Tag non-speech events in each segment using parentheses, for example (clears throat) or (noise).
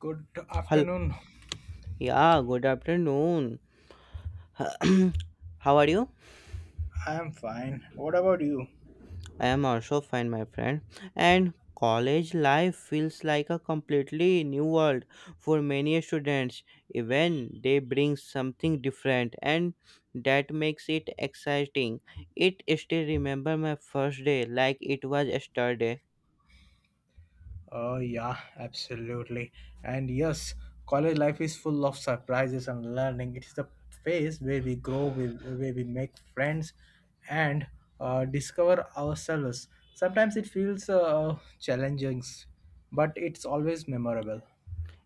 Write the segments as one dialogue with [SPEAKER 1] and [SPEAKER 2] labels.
[SPEAKER 1] Good
[SPEAKER 2] Hello.
[SPEAKER 1] afternoon.
[SPEAKER 2] Yeah, good afternoon. (clears throat) How are you?
[SPEAKER 1] I'm fine. What about you?
[SPEAKER 2] I am also fine, my friend. And college life feels like a completely new world for many students. Even they bring something different, and that makes it exciting. It still remember my first day like it was yesterday.
[SPEAKER 1] Oh, yeah, absolutely. And yes, college life is full of surprises and learning. It is the phase where we grow, where we make friends, and discover ourselves. Sometimes it feels challenging, but it's always memorable.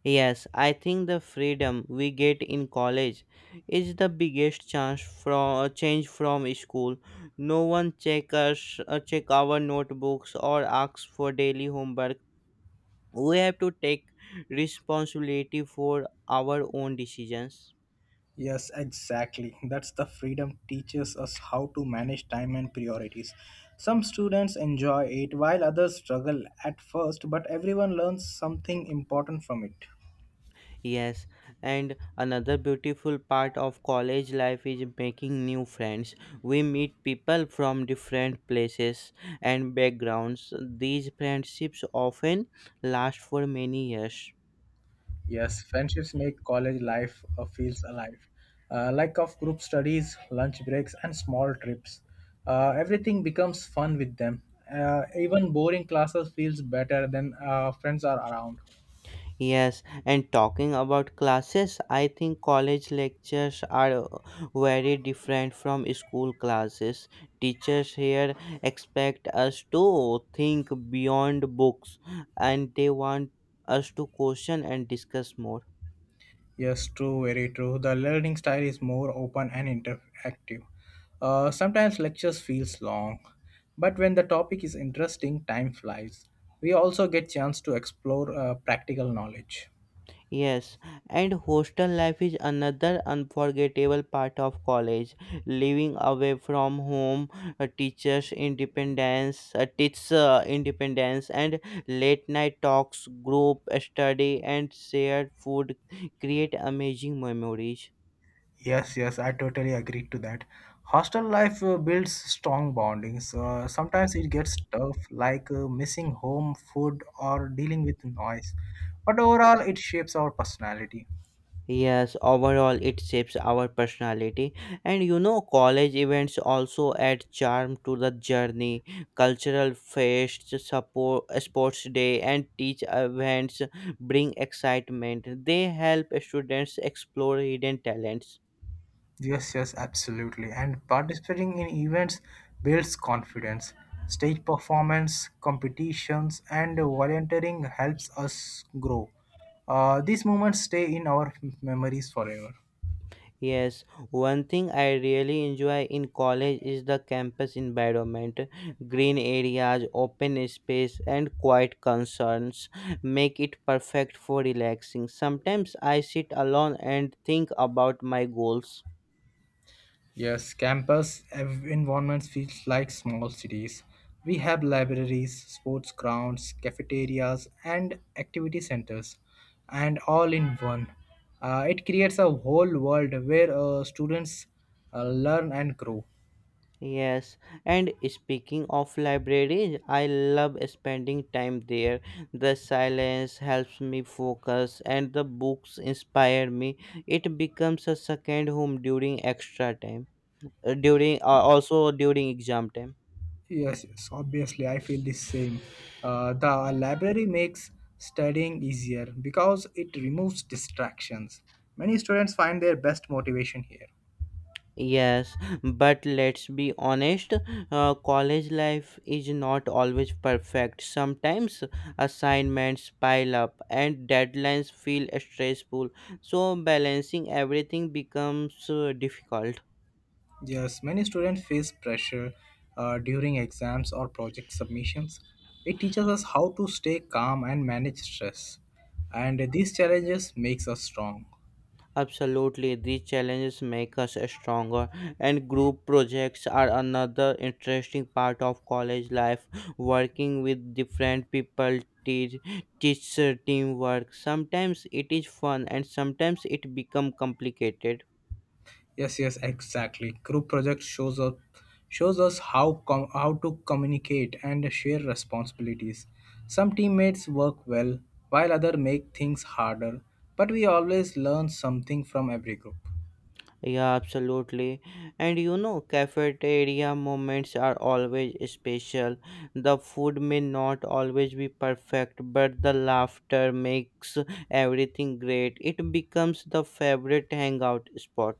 [SPEAKER 2] Yes, I think the freedom we get in college is the biggest chance from change from school. No one check us, check our notebooks or asks for daily homework. We have to take responsibility for our own decisions.
[SPEAKER 1] Yes, exactly. That's the freedom teaches us how to manage time and priorities. Some students enjoy it while others struggle at first, but everyone learns something important from it.
[SPEAKER 2] Yes, and another beautiful part of college life is making new friends. We meet people from different places and backgrounds. These friendships often last for many years.
[SPEAKER 1] Yes, friendships make college life feels alive. Like of group studies, lunch breaks, and small trips. Everything becomes fun with them. Even boring classes feels better than friends are around.
[SPEAKER 2] Yes, and talking about classes, I think college lectures are very different from school classes. Teachers here expect us to think beyond books and they want us to question and discuss more.
[SPEAKER 1] Yes, true, very true. The learning style is more open and interactive. Sometimes lectures feels long, but when the topic is interesting, time flies. We also get chance to explore practical knowledge.
[SPEAKER 2] Yes, and hostel life is another unforgettable part of college. Living away from home, a teacher independence, and late night talks, group study, and shared food create amazing memories.
[SPEAKER 1] Yes, yes, I totally agree to that. Hostel life builds strong bondings. Sometimes it gets tough, like missing home, food, or dealing with noise. But overall, it shapes our personality.
[SPEAKER 2] Yes, overall it shapes our personality. And you know, college events also add charm to the journey. Cultural fests, support, sports day, and teach events bring excitement. They help students explore hidden talents.
[SPEAKER 1] Yes, yes, absolutely. And participating in events builds confidence. Stage performance, competitions, and volunteering helps us grow. These moments stay in our memories forever.
[SPEAKER 2] Yes, one thing I really enjoy in college is the campus environment. Green areas, open space, and quiet concerns make it perfect for relaxing. Sometimes I sit alone and think about my goals.
[SPEAKER 1] Yes, campus environments feel like small cities. We have libraries, sports grounds, cafeterias, and activity centers, and all in one. It creates a whole world where students learn and grow.
[SPEAKER 2] Yes, and speaking of libraries, I love spending time there. The silence helps me focus, and the books inspire me. It becomes a second home during extra time, during also during exam time.
[SPEAKER 1] Yes, yes, obviously, I feel the same. The library makes studying easier because it removes distractions. Many students find their best motivation here.
[SPEAKER 2] Yes, but let's be honest, college life is not always perfect. Sometimes assignments pile up and deadlines feel stressful, so balancing everything becomes difficult.
[SPEAKER 1] Yes, many students face pressure during exams or project submissions. It teaches us how to stay calm and manage stress, and these challenges makes us strong.
[SPEAKER 2] Absolutely, these challenges make us stronger, and group projects are another interesting part of college life. Working with different people teaches teamwork. Sometimes it is fun, and sometimes it becomes complicated.
[SPEAKER 1] Yes, yes, exactly. Group project shows up Shows us how how to communicate and share responsibilities. Some teammates work well while other make things harder, but we always learn something from every group.
[SPEAKER 2] Yeah, absolutely. And you know, cafeteria moments are always special. The food may not always be perfect, but the laughter makes everything great. It becomes the favorite hangout spot.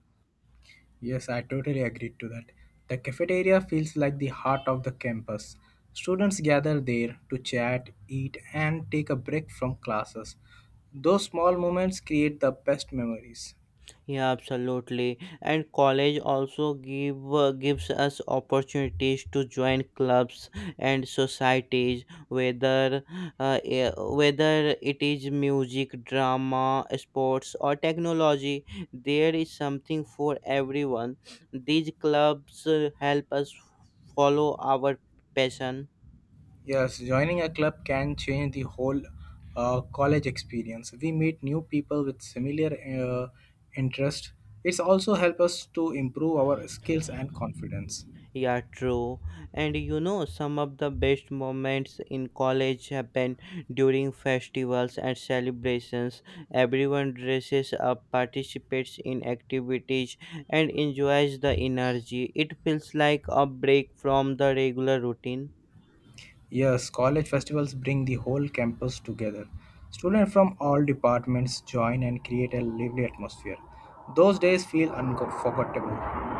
[SPEAKER 1] Yes, I totally agree to that. The cafeteria feels like the heart of the campus. Students gather there to chat, eat, and take a break from classes. Those small moments create the best memories.
[SPEAKER 2] Yeah, absolutely. And college also gives us opportunities to join clubs and societies, whether whether it is music, drama, sports, or technology. There is something for everyone. These clubs help us follow our passion.
[SPEAKER 1] Yes, joining a club can change the whole college experience. We meet new people with similar interests. It's also help us to improve our skills and confidence.
[SPEAKER 2] Yeah, true. And you know, some of the best moments in college happen during festivals and celebrations. Everyone dresses up, participates in activities, and enjoys the energy. It feels like a break from the regular routine.
[SPEAKER 1] Yes, college festivals bring the whole campus together. Students from all departments join and create a lively atmosphere. Those days feel unforgettable.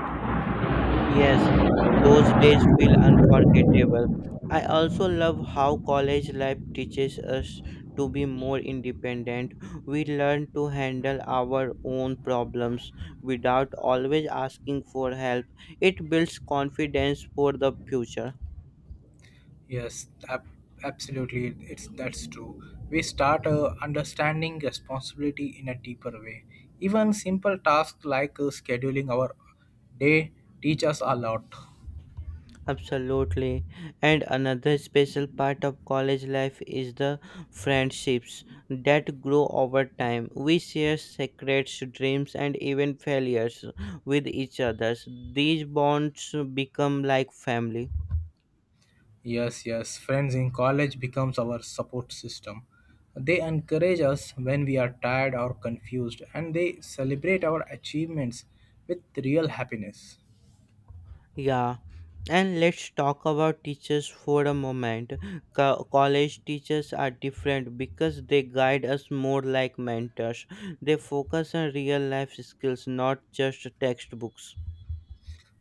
[SPEAKER 2] Yes, those days feel unforgettable. I also love how college life teaches us to be more independent. We learn to handle our own problems without always asking for help. It builds confidence for the future.
[SPEAKER 1] Yes, absolutely. It's that's true. We start understanding responsibility in a deeper way. Even simple tasks like scheduling our day teach us a lot.
[SPEAKER 2] Absolutely. And another special part of college life is the friendships that grow over time. We share secrets, dreams, and even failures with each other. These bonds become like family.
[SPEAKER 1] Yes, yes. Friends in college becomes our support system. They encourage us when we are tired or confused, and they celebrate our achievements with real happiness.
[SPEAKER 2] Yeah. And let's talk about teachers for a moment. College teachers are different because they guide us more like mentors. They focus on real life skills, not just textbooks.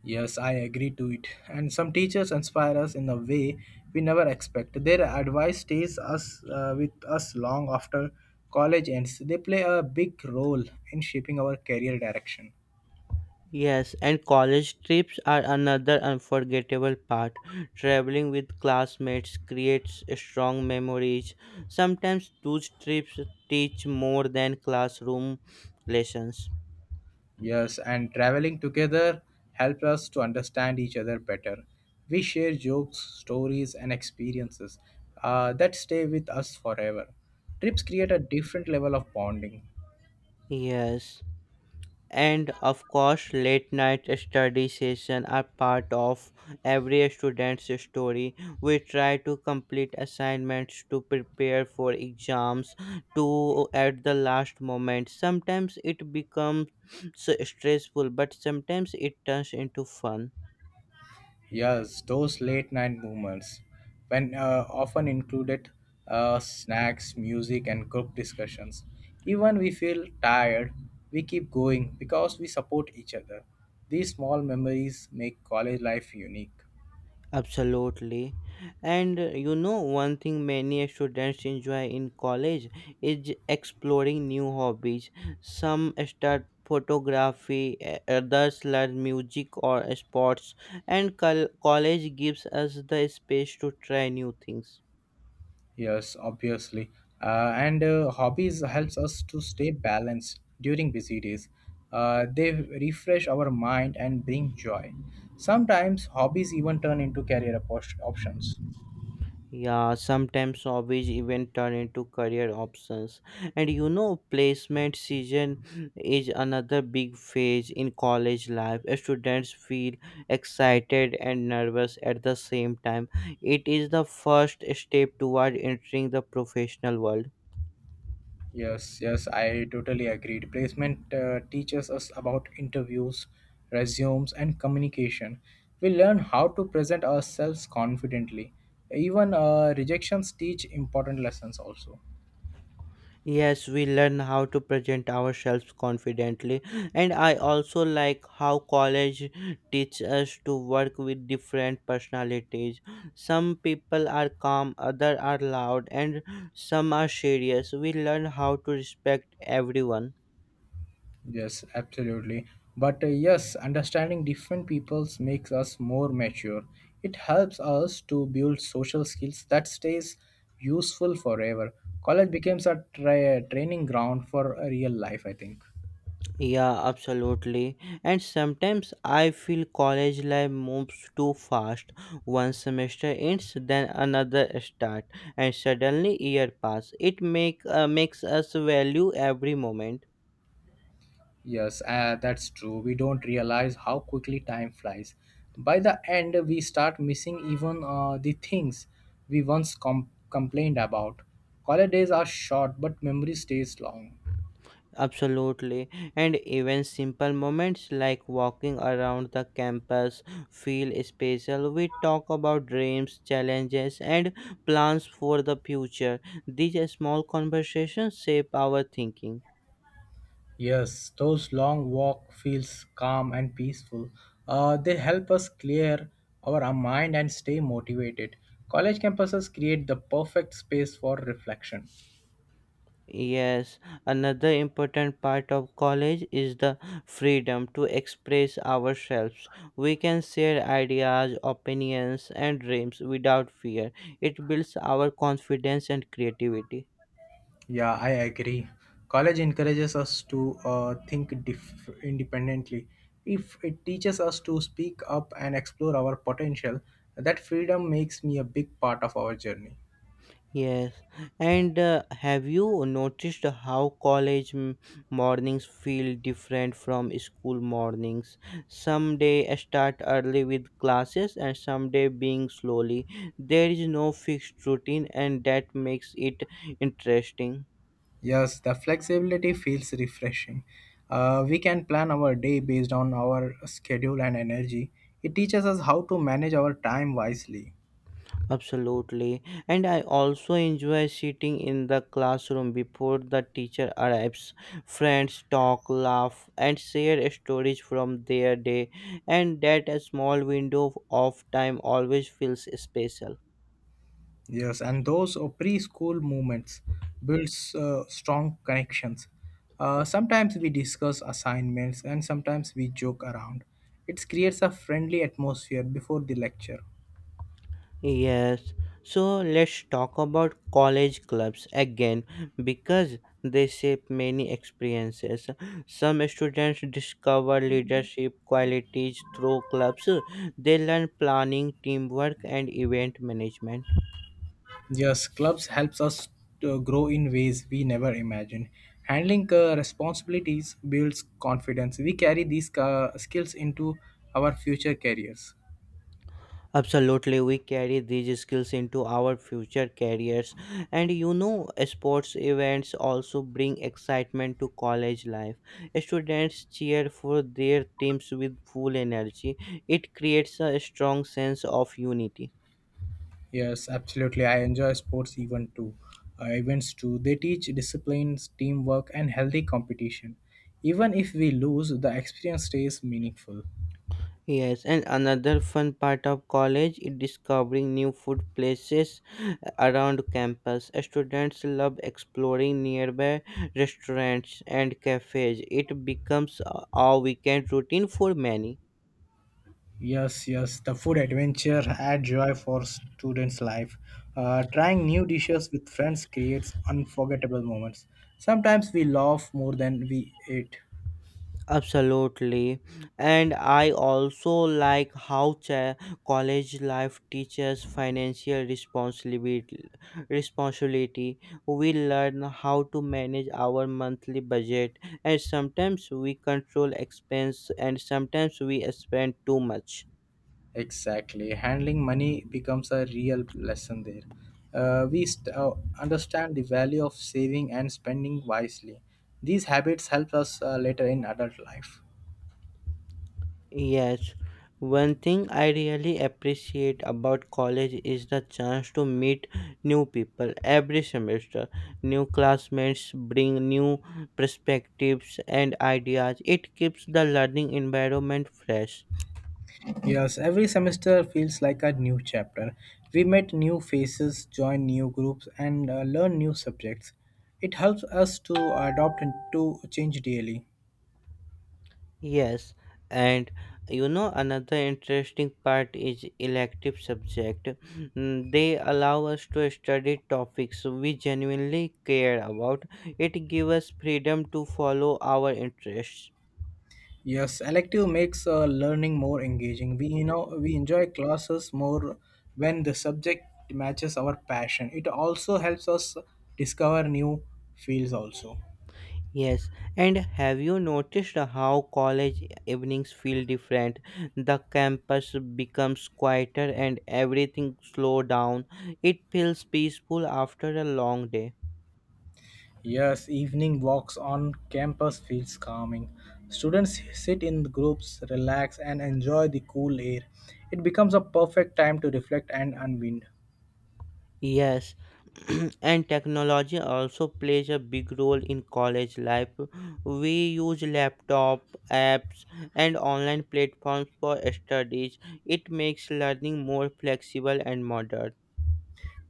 [SPEAKER 1] Yes, I agree to it. And some teachers inspire us in a way we never expect. Their advice stays us with us long after college ends. They play a big role in shaping our career direction.
[SPEAKER 2] Yes, and college trips are another unforgettable part. Traveling with classmates creates strong memories. Sometimes those trips teach more than classroom lessons.
[SPEAKER 1] Yes, and traveling together helps us to understand each other better. We share jokes, stories, and experiences that stay with us forever. Trips create a different level of bonding.
[SPEAKER 2] Yes, and of course late night study session are part of every student's story. We try to complete assignments to prepare for exams to at the last moment. Sometimes it becomes (sniffs) stressful, but sometimes it turns into fun.
[SPEAKER 1] Yes, those late night movements, when often included snacks, music, and group discussions. Even we feel tired, we keep going because we support each other. These small memories make college life unique.
[SPEAKER 2] Absolutely. And you know, one thing many students enjoy in college is exploring new hobbies. Some start photography, others learn music or sports, and college gives us the space to try new things.
[SPEAKER 1] Yes, obviously. And hobbies helps us to stay balanced during busy days. They refresh our mind and bring joy. Sometimes hobbies even turn into career options.
[SPEAKER 2] Yeah, sometimes hobbies even turn into career options. And you know, placement season is another big phase in college life. Students feel excited and nervous at the same time. It is the first step toward entering the professional world.
[SPEAKER 1] Yes, yes, I totally agreed. Placement teaches us about interviews, resumes, and communication. We learn how to present ourselves confidently. Even rejections teach important lessons, also.
[SPEAKER 2] Yes, we learn how to present ourselves confidently, and I also like how college teaches us to work with different personalities. Some people are calm, others are loud, and some are serious. We learn how to respect everyone.
[SPEAKER 1] Yes, absolutely. But yes, understanding different peoples makes us more mature. It helps us to build social skills that stays useful forever. College becomes a training ground for real life, I think.
[SPEAKER 2] Yeah, absolutely. And sometimes I feel college life moves too fast. One semester ends, then another start, and suddenly year pass. It makes us value every moment.
[SPEAKER 1] Yes, that's true. We don't realize how quickly time flies. By the end, we start missing even the things we once complained about. Holidays are short, but memory stays long.
[SPEAKER 2] Absolutely. And even simple moments like walking around the campus feel special. We talk about dreams, challenges, and plans for the future. These small conversations shape our thinking.
[SPEAKER 1] Yes, those long walk feels calm and peaceful. They help us clear our mind and stay motivated. College campuses create the perfect space for reflection.
[SPEAKER 2] Yes, another important part of college is the freedom to express ourselves. We can share ideas, opinions, and dreams without fear. It builds our confidence and creativity.
[SPEAKER 1] Yeah, I agree. College encourages us to think independently. If it teaches us to speak up and explore our potential, that freedom makes me a big part of our journey.
[SPEAKER 2] Yes, and have you noticed how college mornings feel different from school mornings? Some day I start early with classes, and some day being slowly. There is no fixed routine, and that makes it interesting.
[SPEAKER 1] Yes, the flexibility feels refreshing. We can plan our day based on our schedule and energy. It teaches us how to manage our time wisely.
[SPEAKER 2] Absolutely. And I also enjoy sitting in the classroom before the teacher arrives. Friends talk, laugh, and share stories from their day, and that a small window of time always feels special.
[SPEAKER 1] Yes, and those preschool moments builds strong connections. Sometimes we discuss assignments and sometimes we joke around. It creates a friendly atmosphere before the lecture.
[SPEAKER 2] Yes, so let's talk about college clubs again because they shape many experiences. Some students discover leadership qualities through clubs, they learn planning, teamwork, and event management.
[SPEAKER 1] Yes, clubs helps us to grow in ways we never imagined. Handling responsibilities builds confidence. We carry these skills into our future careers.
[SPEAKER 2] Absolutely, we carry these skills into our future careers, and you know, sports events also bring excitement to college life. Students cheer for their teams with full energy, it creates a strong sense of unity.
[SPEAKER 1] Yes, absolutely. I enjoy sports even too. Events too. They teach disciplines, teamwork, and healthy competition. Even if we lose, the experience stays meaningful.
[SPEAKER 2] Yes, and another fun part of college is discovering new food places around campus. Students love exploring nearby restaurants and cafes. It becomes a weekend routine for many.
[SPEAKER 1] Yes, yes. The food adventure add joy for students' life. Trying new dishes with friends creates unforgettable moments. Sometimes we laugh more than we eat.
[SPEAKER 2] Absolutely. And I also like how college life teaches financial responsibility. We learn how to manage our monthly budget, and sometimes we control expense, and sometimes we spend too much.
[SPEAKER 1] Exactly. Handling money becomes a real lesson there. We understand the value of saving and spending wisely. These habits help us later in adult life.
[SPEAKER 2] Yes, one thing I really appreciate about college is the chance to meet new people every semester. New classmates bring new perspectives and ideas. It keeps the learning environment fresh.
[SPEAKER 1] Yes, every semester feels like a new chapter. We meet new faces, join new groups, and learn new subjects. It helps us to adopt and to change daily.
[SPEAKER 2] Yes, and you know another interesting part is elective subject. They allow us to study topics we genuinely care about. It gives us freedom to follow our interests.
[SPEAKER 1] Yes, elective makes learning more engaging. We you know we enjoy classes more when the subject matches our passion. It also helps us discover new fields also.
[SPEAKER 2] Yes, and have you noticed how college evenings feel different? The campus becomes quieter and everything slow down. It feels peaceful after a long day.
[SPEAKER 1] Yes, evening walks on campus feels calming. Students sit in groups, relax and enjoy the cool air. It becomes a perfect time to reflect and unwind.
[SPEAKER 2] Yes, (clears throat) and technology also plays a big role in college life. We use laptop, apps, and online platforms for studies. It makes learning more flexible and modern.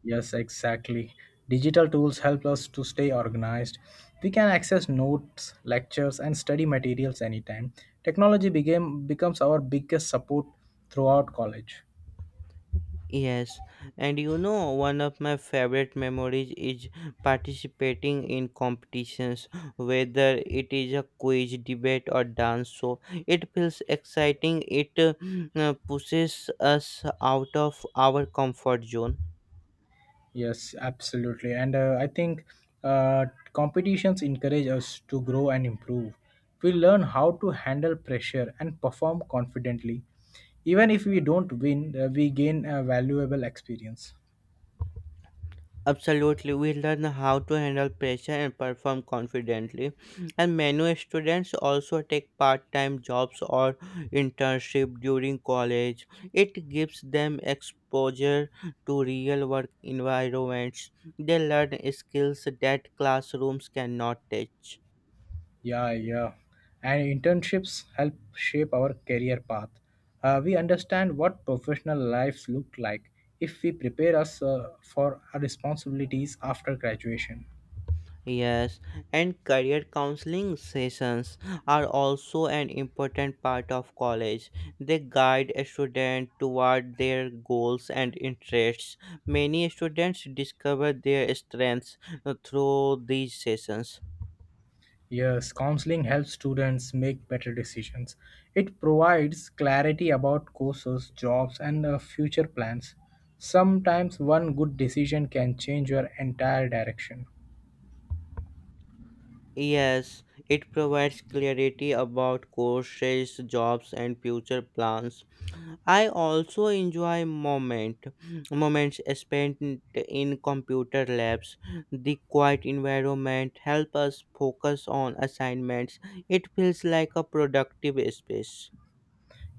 [SPEAKER 1] Yes, exactly. Digital tools help us to stay organized. We can access notes, lectures, and study materials anytime. Technology became becomes our biggest support throughout college.
[SPEAKER 2] Yes, and you know, one of my favorite memories is participating in competitions, whether it is a quiz, debate, or dance show. It feels exciting, it pushes us out of our comfort zone.
[SPEAKER 1] Yes, absolutely. And I think uh, competitions encourage us to grow and improve. We learn how to handle pressure and perform confidently. Even if we don't win, we gain a valuable experience.
[SPEAKER 2] Absolutely, we learn how to handle pressure and perform confidently. And many students also take part time jobs or internship during college. It gives them exposure to real work environments. They learn skills that classrooms cannot teach.
[SPEAKER 1] Yeah, yeah. And internships help shape our career path. We understand what professional lives look like if we prepare us for our responsibilities after graduation.
[SPEAKER 2] Yes, and career counseling sessions are also an important part of college. They guide a student toward their goals and interests. Many students discover their strengths through these sessions.
[SPEAKER 1] Yes, counseling helps students make better decisions. It provides clarity about courses, jobs, and future plans. Sometimes one good decision can change your entire direction.
[SPEAKER 2] Yes, it provides clarity about courses, jobs, and future plans. I also enjoy moments spent in computer labs. The quiet environment help us focus on assignments. It feels like a productive space.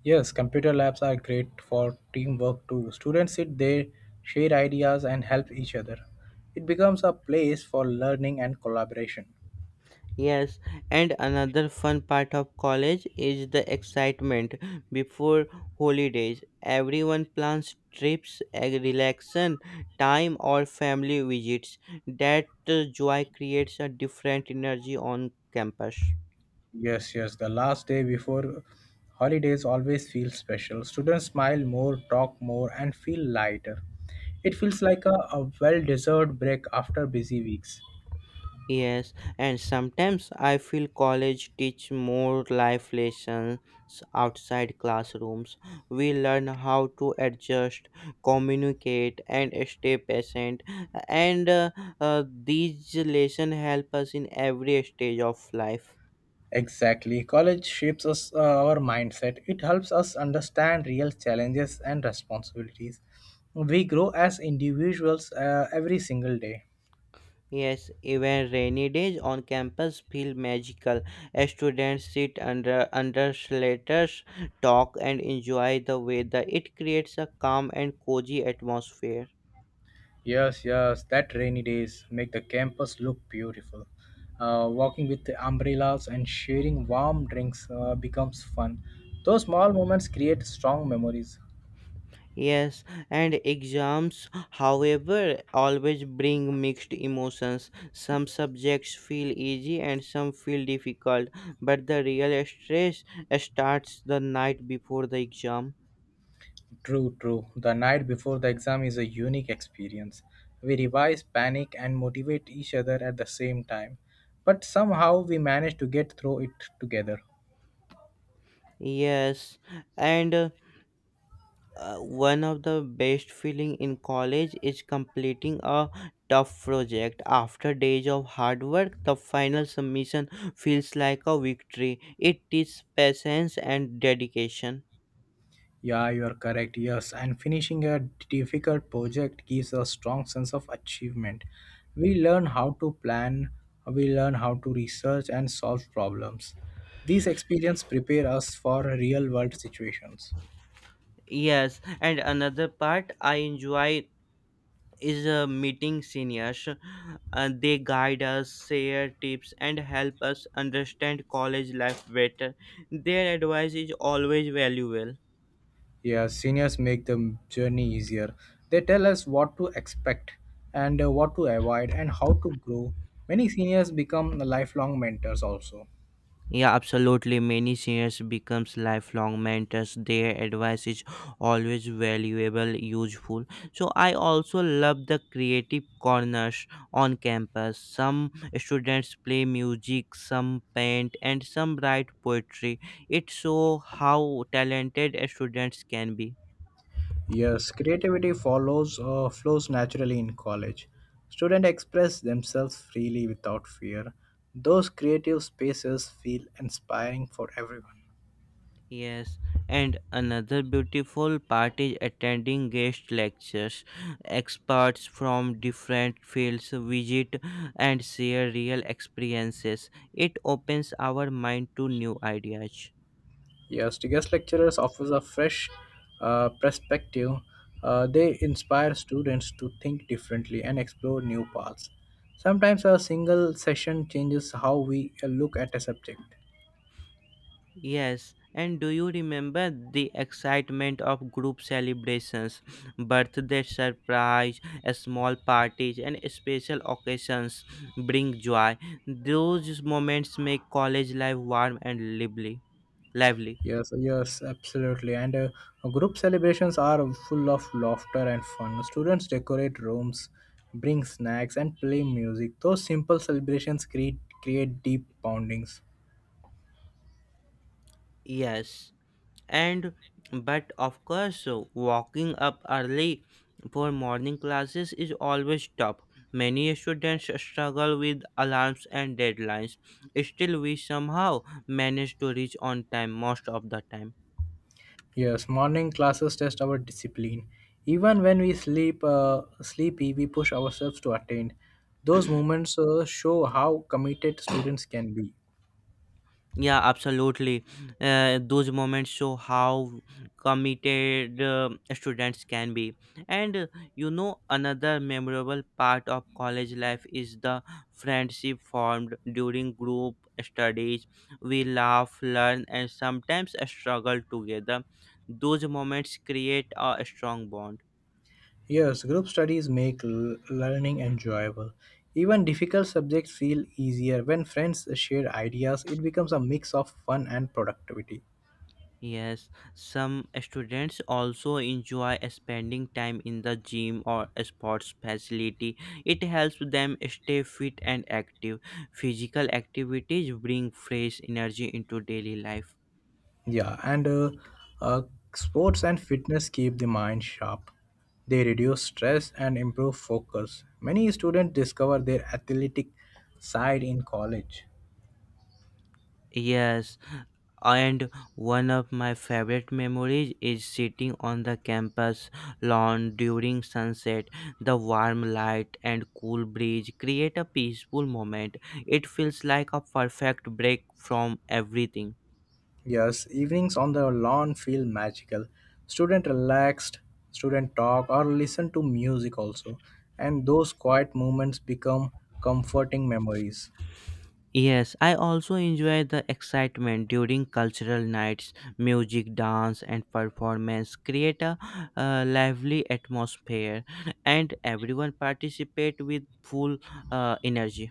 [SPEAKER 1] Yes, computer labs are great for teamwork too. Students sit there, share ideas, and help each other. It becomes a place for learning and collaboration.
[SPEAKER 2] Yes, and another fun part of college is the excitement before holidays. Everyone plans trips, a relaxation time, or family visits. That joy creates a different energy on campus.
[SPEAKER 1] Yes, yes, the last day before holidays always feels special. Students smile more, talk more, and feel lighter. It feels like a well deserved break after busy weeks.
[SPEAKER 2] Yes, and sometimes I feel college teach more life lessons outside classrooms. We learn how to adjust, communicate, and stay patient. And these lessons help us in every stage of life.
[SPEAKER 1] Exactly. College shapes us, our mindset. It helps us understand real challenges and responsibilities. We grow as individuals every single day.
[SPEAKER 2] Yes, even rainy days on campus feel magical. Students sit under under shelters, talk, and enjoy the weather. It creates a calm and cozy atmosphere.
[SPEAKER 1] Yes, yes, that rainy days make the campus look beautiful. Walking with the umbrellas and sharing warm drinks becomes fun. Those small moments create strong memories.
[SPEAKER 2] Yes, and exams, however, always bring mixed emotions. Some subjects feel easy and some feel difficult, but the real stress starts the night before the exam.
[SPEAKER 1] True, true. The night before the exam is a unique experience. We revise, panic, and motivate each other at the same time. But somehow we manage to get through it together.
[SPEAKER 2] Yes, and one of the best feeling in college is completing a tough project. After days of hard work, the final submission feels like a victory. It is patience and dedication.
[SPEAKER 1] Yeah, you are correct. Yes, and finishing a difficult project gives a strong sense of achievement. We learn how to plan, we learn how to research and solve problems. These experiences prepare us for real world situations.
[SPEAKER 2] Yes, and another part I enjoy is meeting seniors. They guide us, share tips, and help us understand college life better. Their advice is always valuable.
[SPEAKER 1] Yeah, seniors make the journey easier. They tell us what to expect and what to avoid and how to grow. Many seniors become lifelong mentors also.
[SPEAKER 2] Yeah, absolutely. Many seniors becomes lifelong mentors. Their advice is always valuable, useful. So I also love the creative corners on campus. Some students play music, some paint, and some write poetry. It shows how talented students can be.
[SPEAKER 1] Yes, creativity follows flows naturally in college. Students express themselves freely without fear. Those creative spaces feel inspiring for everyone.
[SPEAKER 2] Yes, and another beautiful part is attending guest lectures. Experts from different fields visit and share real experiences. It opens our mind to new ideas.
[SPEAKER 1] Yes, the guest lecturers offers a fresh perspective. They inspire students to think differently and explore new paths. Sometimes a single session changes how we look at a subject.
[SPEAKER 2] Yes, and do you remember the excitement of group celebrations, birthday surprise, small parties, and special occasions bring joy? Those moments make college life warm and lively. Lively.
[SPEAKER 1] Yes, yes, absolutely. And group celebrations are full of laughter and fun. Students decorate rooms, bring snacks, and play music. Those simple celebrations create deep bondings.
[SPEAKER 2] Yes, and but of course, walking up early for morning classes is always tough. Many students struggle with alarms and deadlines. Still, we somehow manage to reach on time most of the time.
[SPEAKER 1] Yes, morning classes test our discipline. Even when we sleep sleepy, we push ourselves to attend. Those moments show how committed students can be.
[SPEAKER 2] Yeah, absolutely. Those moments show how committed students can be. And uh, Another memorable part of college life is the friendship formed during group studies. We laugh, learn, and sometimes struggle together. Those moments create a strong bond.
[SPEAKER 1] Yes, group studies make learning enjoyable. Even difficult subjects feel easier when friends share ideas. It becomes a mix of fun and productivity.
[SPEAKER 2] Yes, some students also enjoy spending time in the gym or a sports facility. It helps them stay fit and active. Physical activities bring fresh energy into daily life.
[SPEAKER 1] Yeah, and uh, uh, sports and fitness keep the mind sharp. They reduce stress and improve focus. Many students discover their athletic side in college.
[SPEAKER 2] Yes, and one of my favorite memories is sitting on the campus lawn during sunset. The warm light and cool breeze create a peaceful moment. It feels like a perfect break from everything.
[SPEAKER 1] Yes, evenings on the lawn feel magical. Student relaxed, student talk or listen to music also, and those quiet moments become comforting memories.
[SPEAKER 2] Yes, I also enjoy the excitement during cultural nights. Music, dance, and performance create a lively atmosphere, and everyone participate with full energy.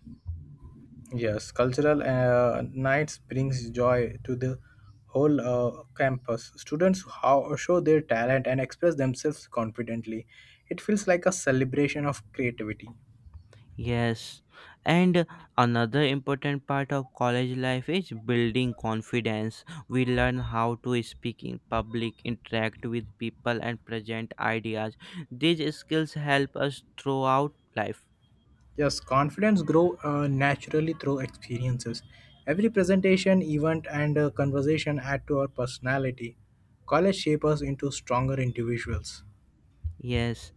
[SPEAKER 1] Yes, cultural nights brings joy to the whole campus. Students show their talent and express themselves confidently. It feels like a celebration of creativity.
[SPEAKER 2] Yes, and another important part of college life is building confidence. We learn how to speak in public, interact with people, and present ideas. These skills help us throughout life.
[SPEAKER 1] Yes, confidence grow naturally through experiences. Every presentation, event, and conversation add to our personality. College shape us into stronger individuals.
[SPEAKER 2] Yes,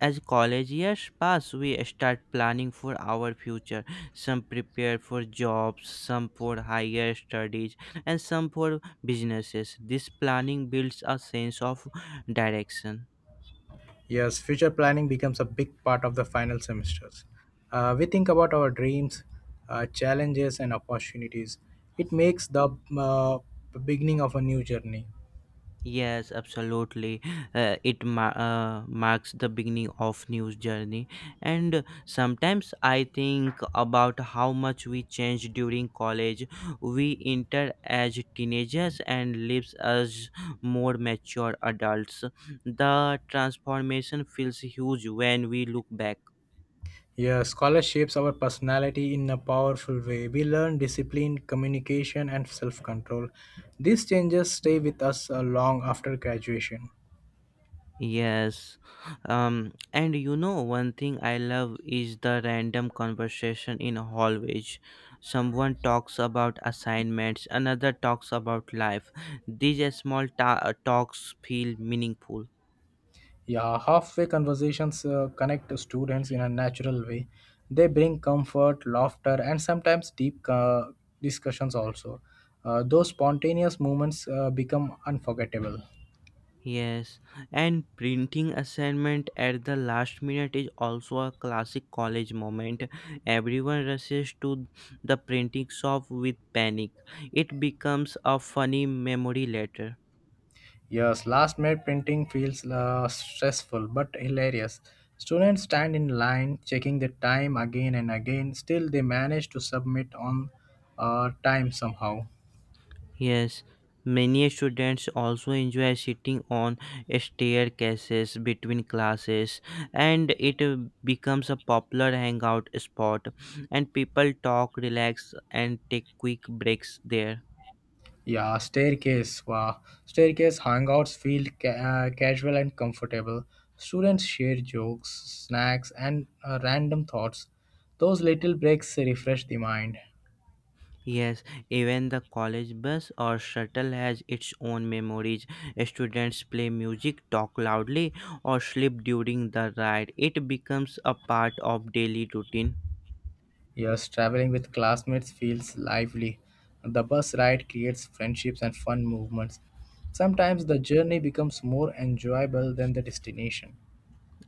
[SPEAKER 2] as college years pass, we start planning for our future. Some prepare for jobs, some for higher studies, and some for businesses. This planning builds a sense of direction.
[SPEAKER 1] Yes, future planning becomes a big part of the final semesters. We think about our dreams, challenges, and opportunities. It makes the uh, beginning of a new journey.
[SPEAKER 2] Yes, absolutely. It marks the beginning of news journey, and sometimes I think about how much we change during college. We enter as teenagers and leaves as more mature adults. The transformation feels huge when we look back.
[SPEAKER 1] Yes, college shapes our personality in a powerful way. We learn discipline, communication, and self control. These changes stay with us long after graduation.
[SPEAKER 2] Yes. One thing I love is the random conversation in hallways. Someone talks about assignments, another talks about life. These small talks feel meaningful.
[SPEAKER 1] Yeah, halfway conversations connect students in a natural way. They bring comfort, laughter, and sometimes deep discussions also. Those spontaneous moments become unforgettable.
[SPEAKER 2] Yes, and printing assignment at the last minute is also a classic college moment. Everyone rushes to the printing shop with panic. It becomes a funny memory later.
[SPEAKER 1] Yes, last minute printing feels stressful but hilarious. Students stand in line, checking the time again and again. Still, they manage to submit on time somehow.
[SPEAKER 2] Yes, many students also enjoy sitting on staircases between classes, and it becomes a popular hangout spot, and people talk, relax, and take quick breaks there.
[SPEAKER 1] Yeah, staircase. Wow. Staircase hangouts feel casual and comfortable. Students share jokes, snacks, and random thoughts. Those little breaks refresh the mind.
[SPEAKER 2] Yes, even the college bus or shuttle has its own memories. Students play music, talk loudly, or sleep during the ride. It becomes a part of daily routine.
[SPEAKER 1] Yes, traveling with classmates feels lively. The bus ride creates friendships and fun movements. Sometimes the journey becomes more enjoyable than the destination.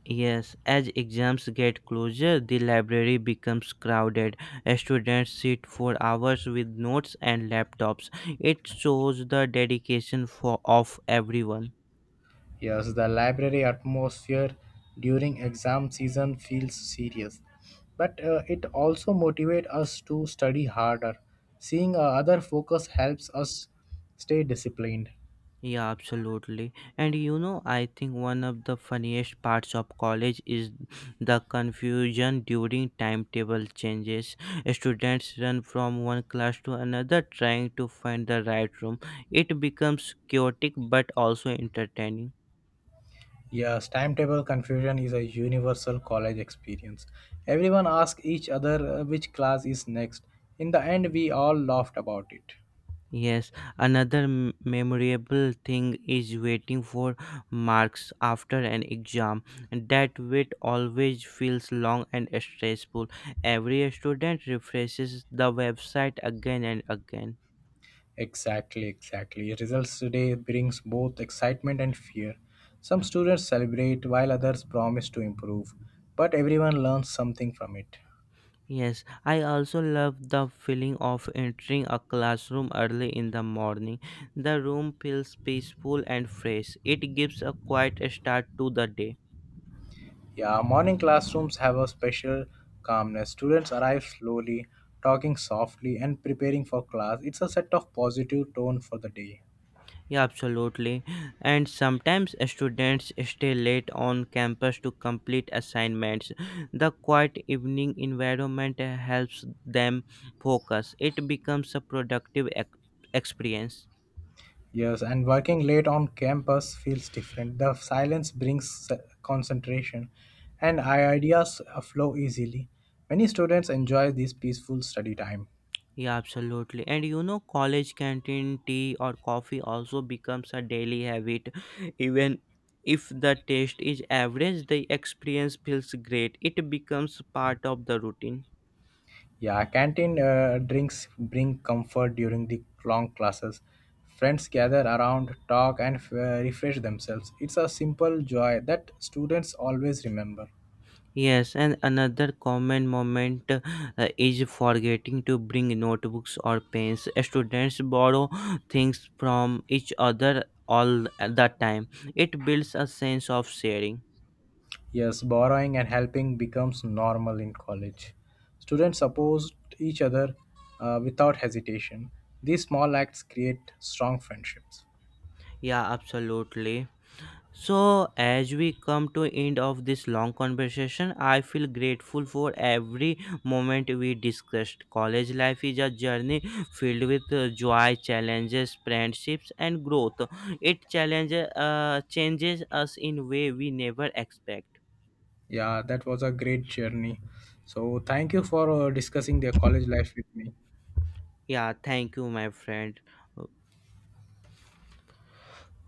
[SPEAKER 2] Yes, as exams get closer, the library becomes crowded. Students sit for hours with notes and laptops. It shows the dedication for of everyone.
[SPEAKER 1] Yes, the library atmosphere during exam season feels serious, but it also motivates us to study harder. Seeing other focus helps us stay disciplined.
[SPEAKER 2] Yeah, absolutely. I think one of the funniest parts of college is the confusion during timetable changes. Students run from one class to another trying to find the right room. It becomes chaotic but also entertaining.
[SPEAKER 1] Yes, timetable confusion is a universal college experience. Everyone asks each other which class is next. In the end, we all laughed about it.
[SPEAKER 2] Yes, another memorable thing is waiting for marks after an exam. That wait always feels long and stressful. Every student refreshes the website again and again.
[SPEAKER 1] Exactly, exactly. Results today brings both excitement and fear. Some students celebrate while others promise to improve, but everyone learns something from it.
[SPEAKER 2] Yes, I also love the feeling of entering a classroom early in the morning. The room feels peaceful and fresh. It gives a quiet start to the day.
[SPEAKER 1] Yeah, morning classrooms have a special calmness. Students arrive slowly, talking softly, and preparing for class. It's a set of positive tone for the day.
[SPEAKER 2] Yeah, absolutely. And sometimes students stay late on campus to complete assignments. The quiet evening environment helps them focus. It becomes a experience.
[SPEAKER 1] Yes, and working late on campus feels different. The silence brings concentration, and ideas flow easily. Many students enjoy this peaceful study time.
[SPEAKER 2] Yeah, absolutely. College canteen tea or coffee also becomes a daily habit. Even if the taste is average, the experience feels great. It becomes part of the routine.
[SPEAKER 1] Yeah, canteen drinks bring comfort during the long classes. Friends gather around, talk, and refresh themselves. It's a simple joy that students always remember.
[SPEAKER 2] Yes, and another common moment is forgetting to bring notebooks or pens. Students borrow things from each other all the time. It builds a sense of sharing.
[SPEAKER 1] Yes, borrowing and helping becomes normal in college. Students support each other without hesitation. These small acts create strong friendships.
[SPEAKER 2] Yeah, absolutely. So, as we come to end of this long conversation, I feel grateful for every moment we discussed. College life is a journey filled with joy, challenges, friendships, and growth. It challenges, changes us in way we never expect.
[SPEAKER 1] Yeah, that was a great journey. So, thank you for discussing their college life with me.
[SPEAKER 2] Yeah, thank you, my friend.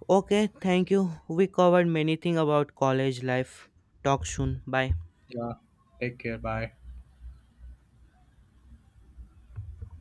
[SPEAKER 2] Okay, thank you. We covered many things about college life. Talk soon. Bye.
[SPEAKER 1] Yeah, take care. Bye.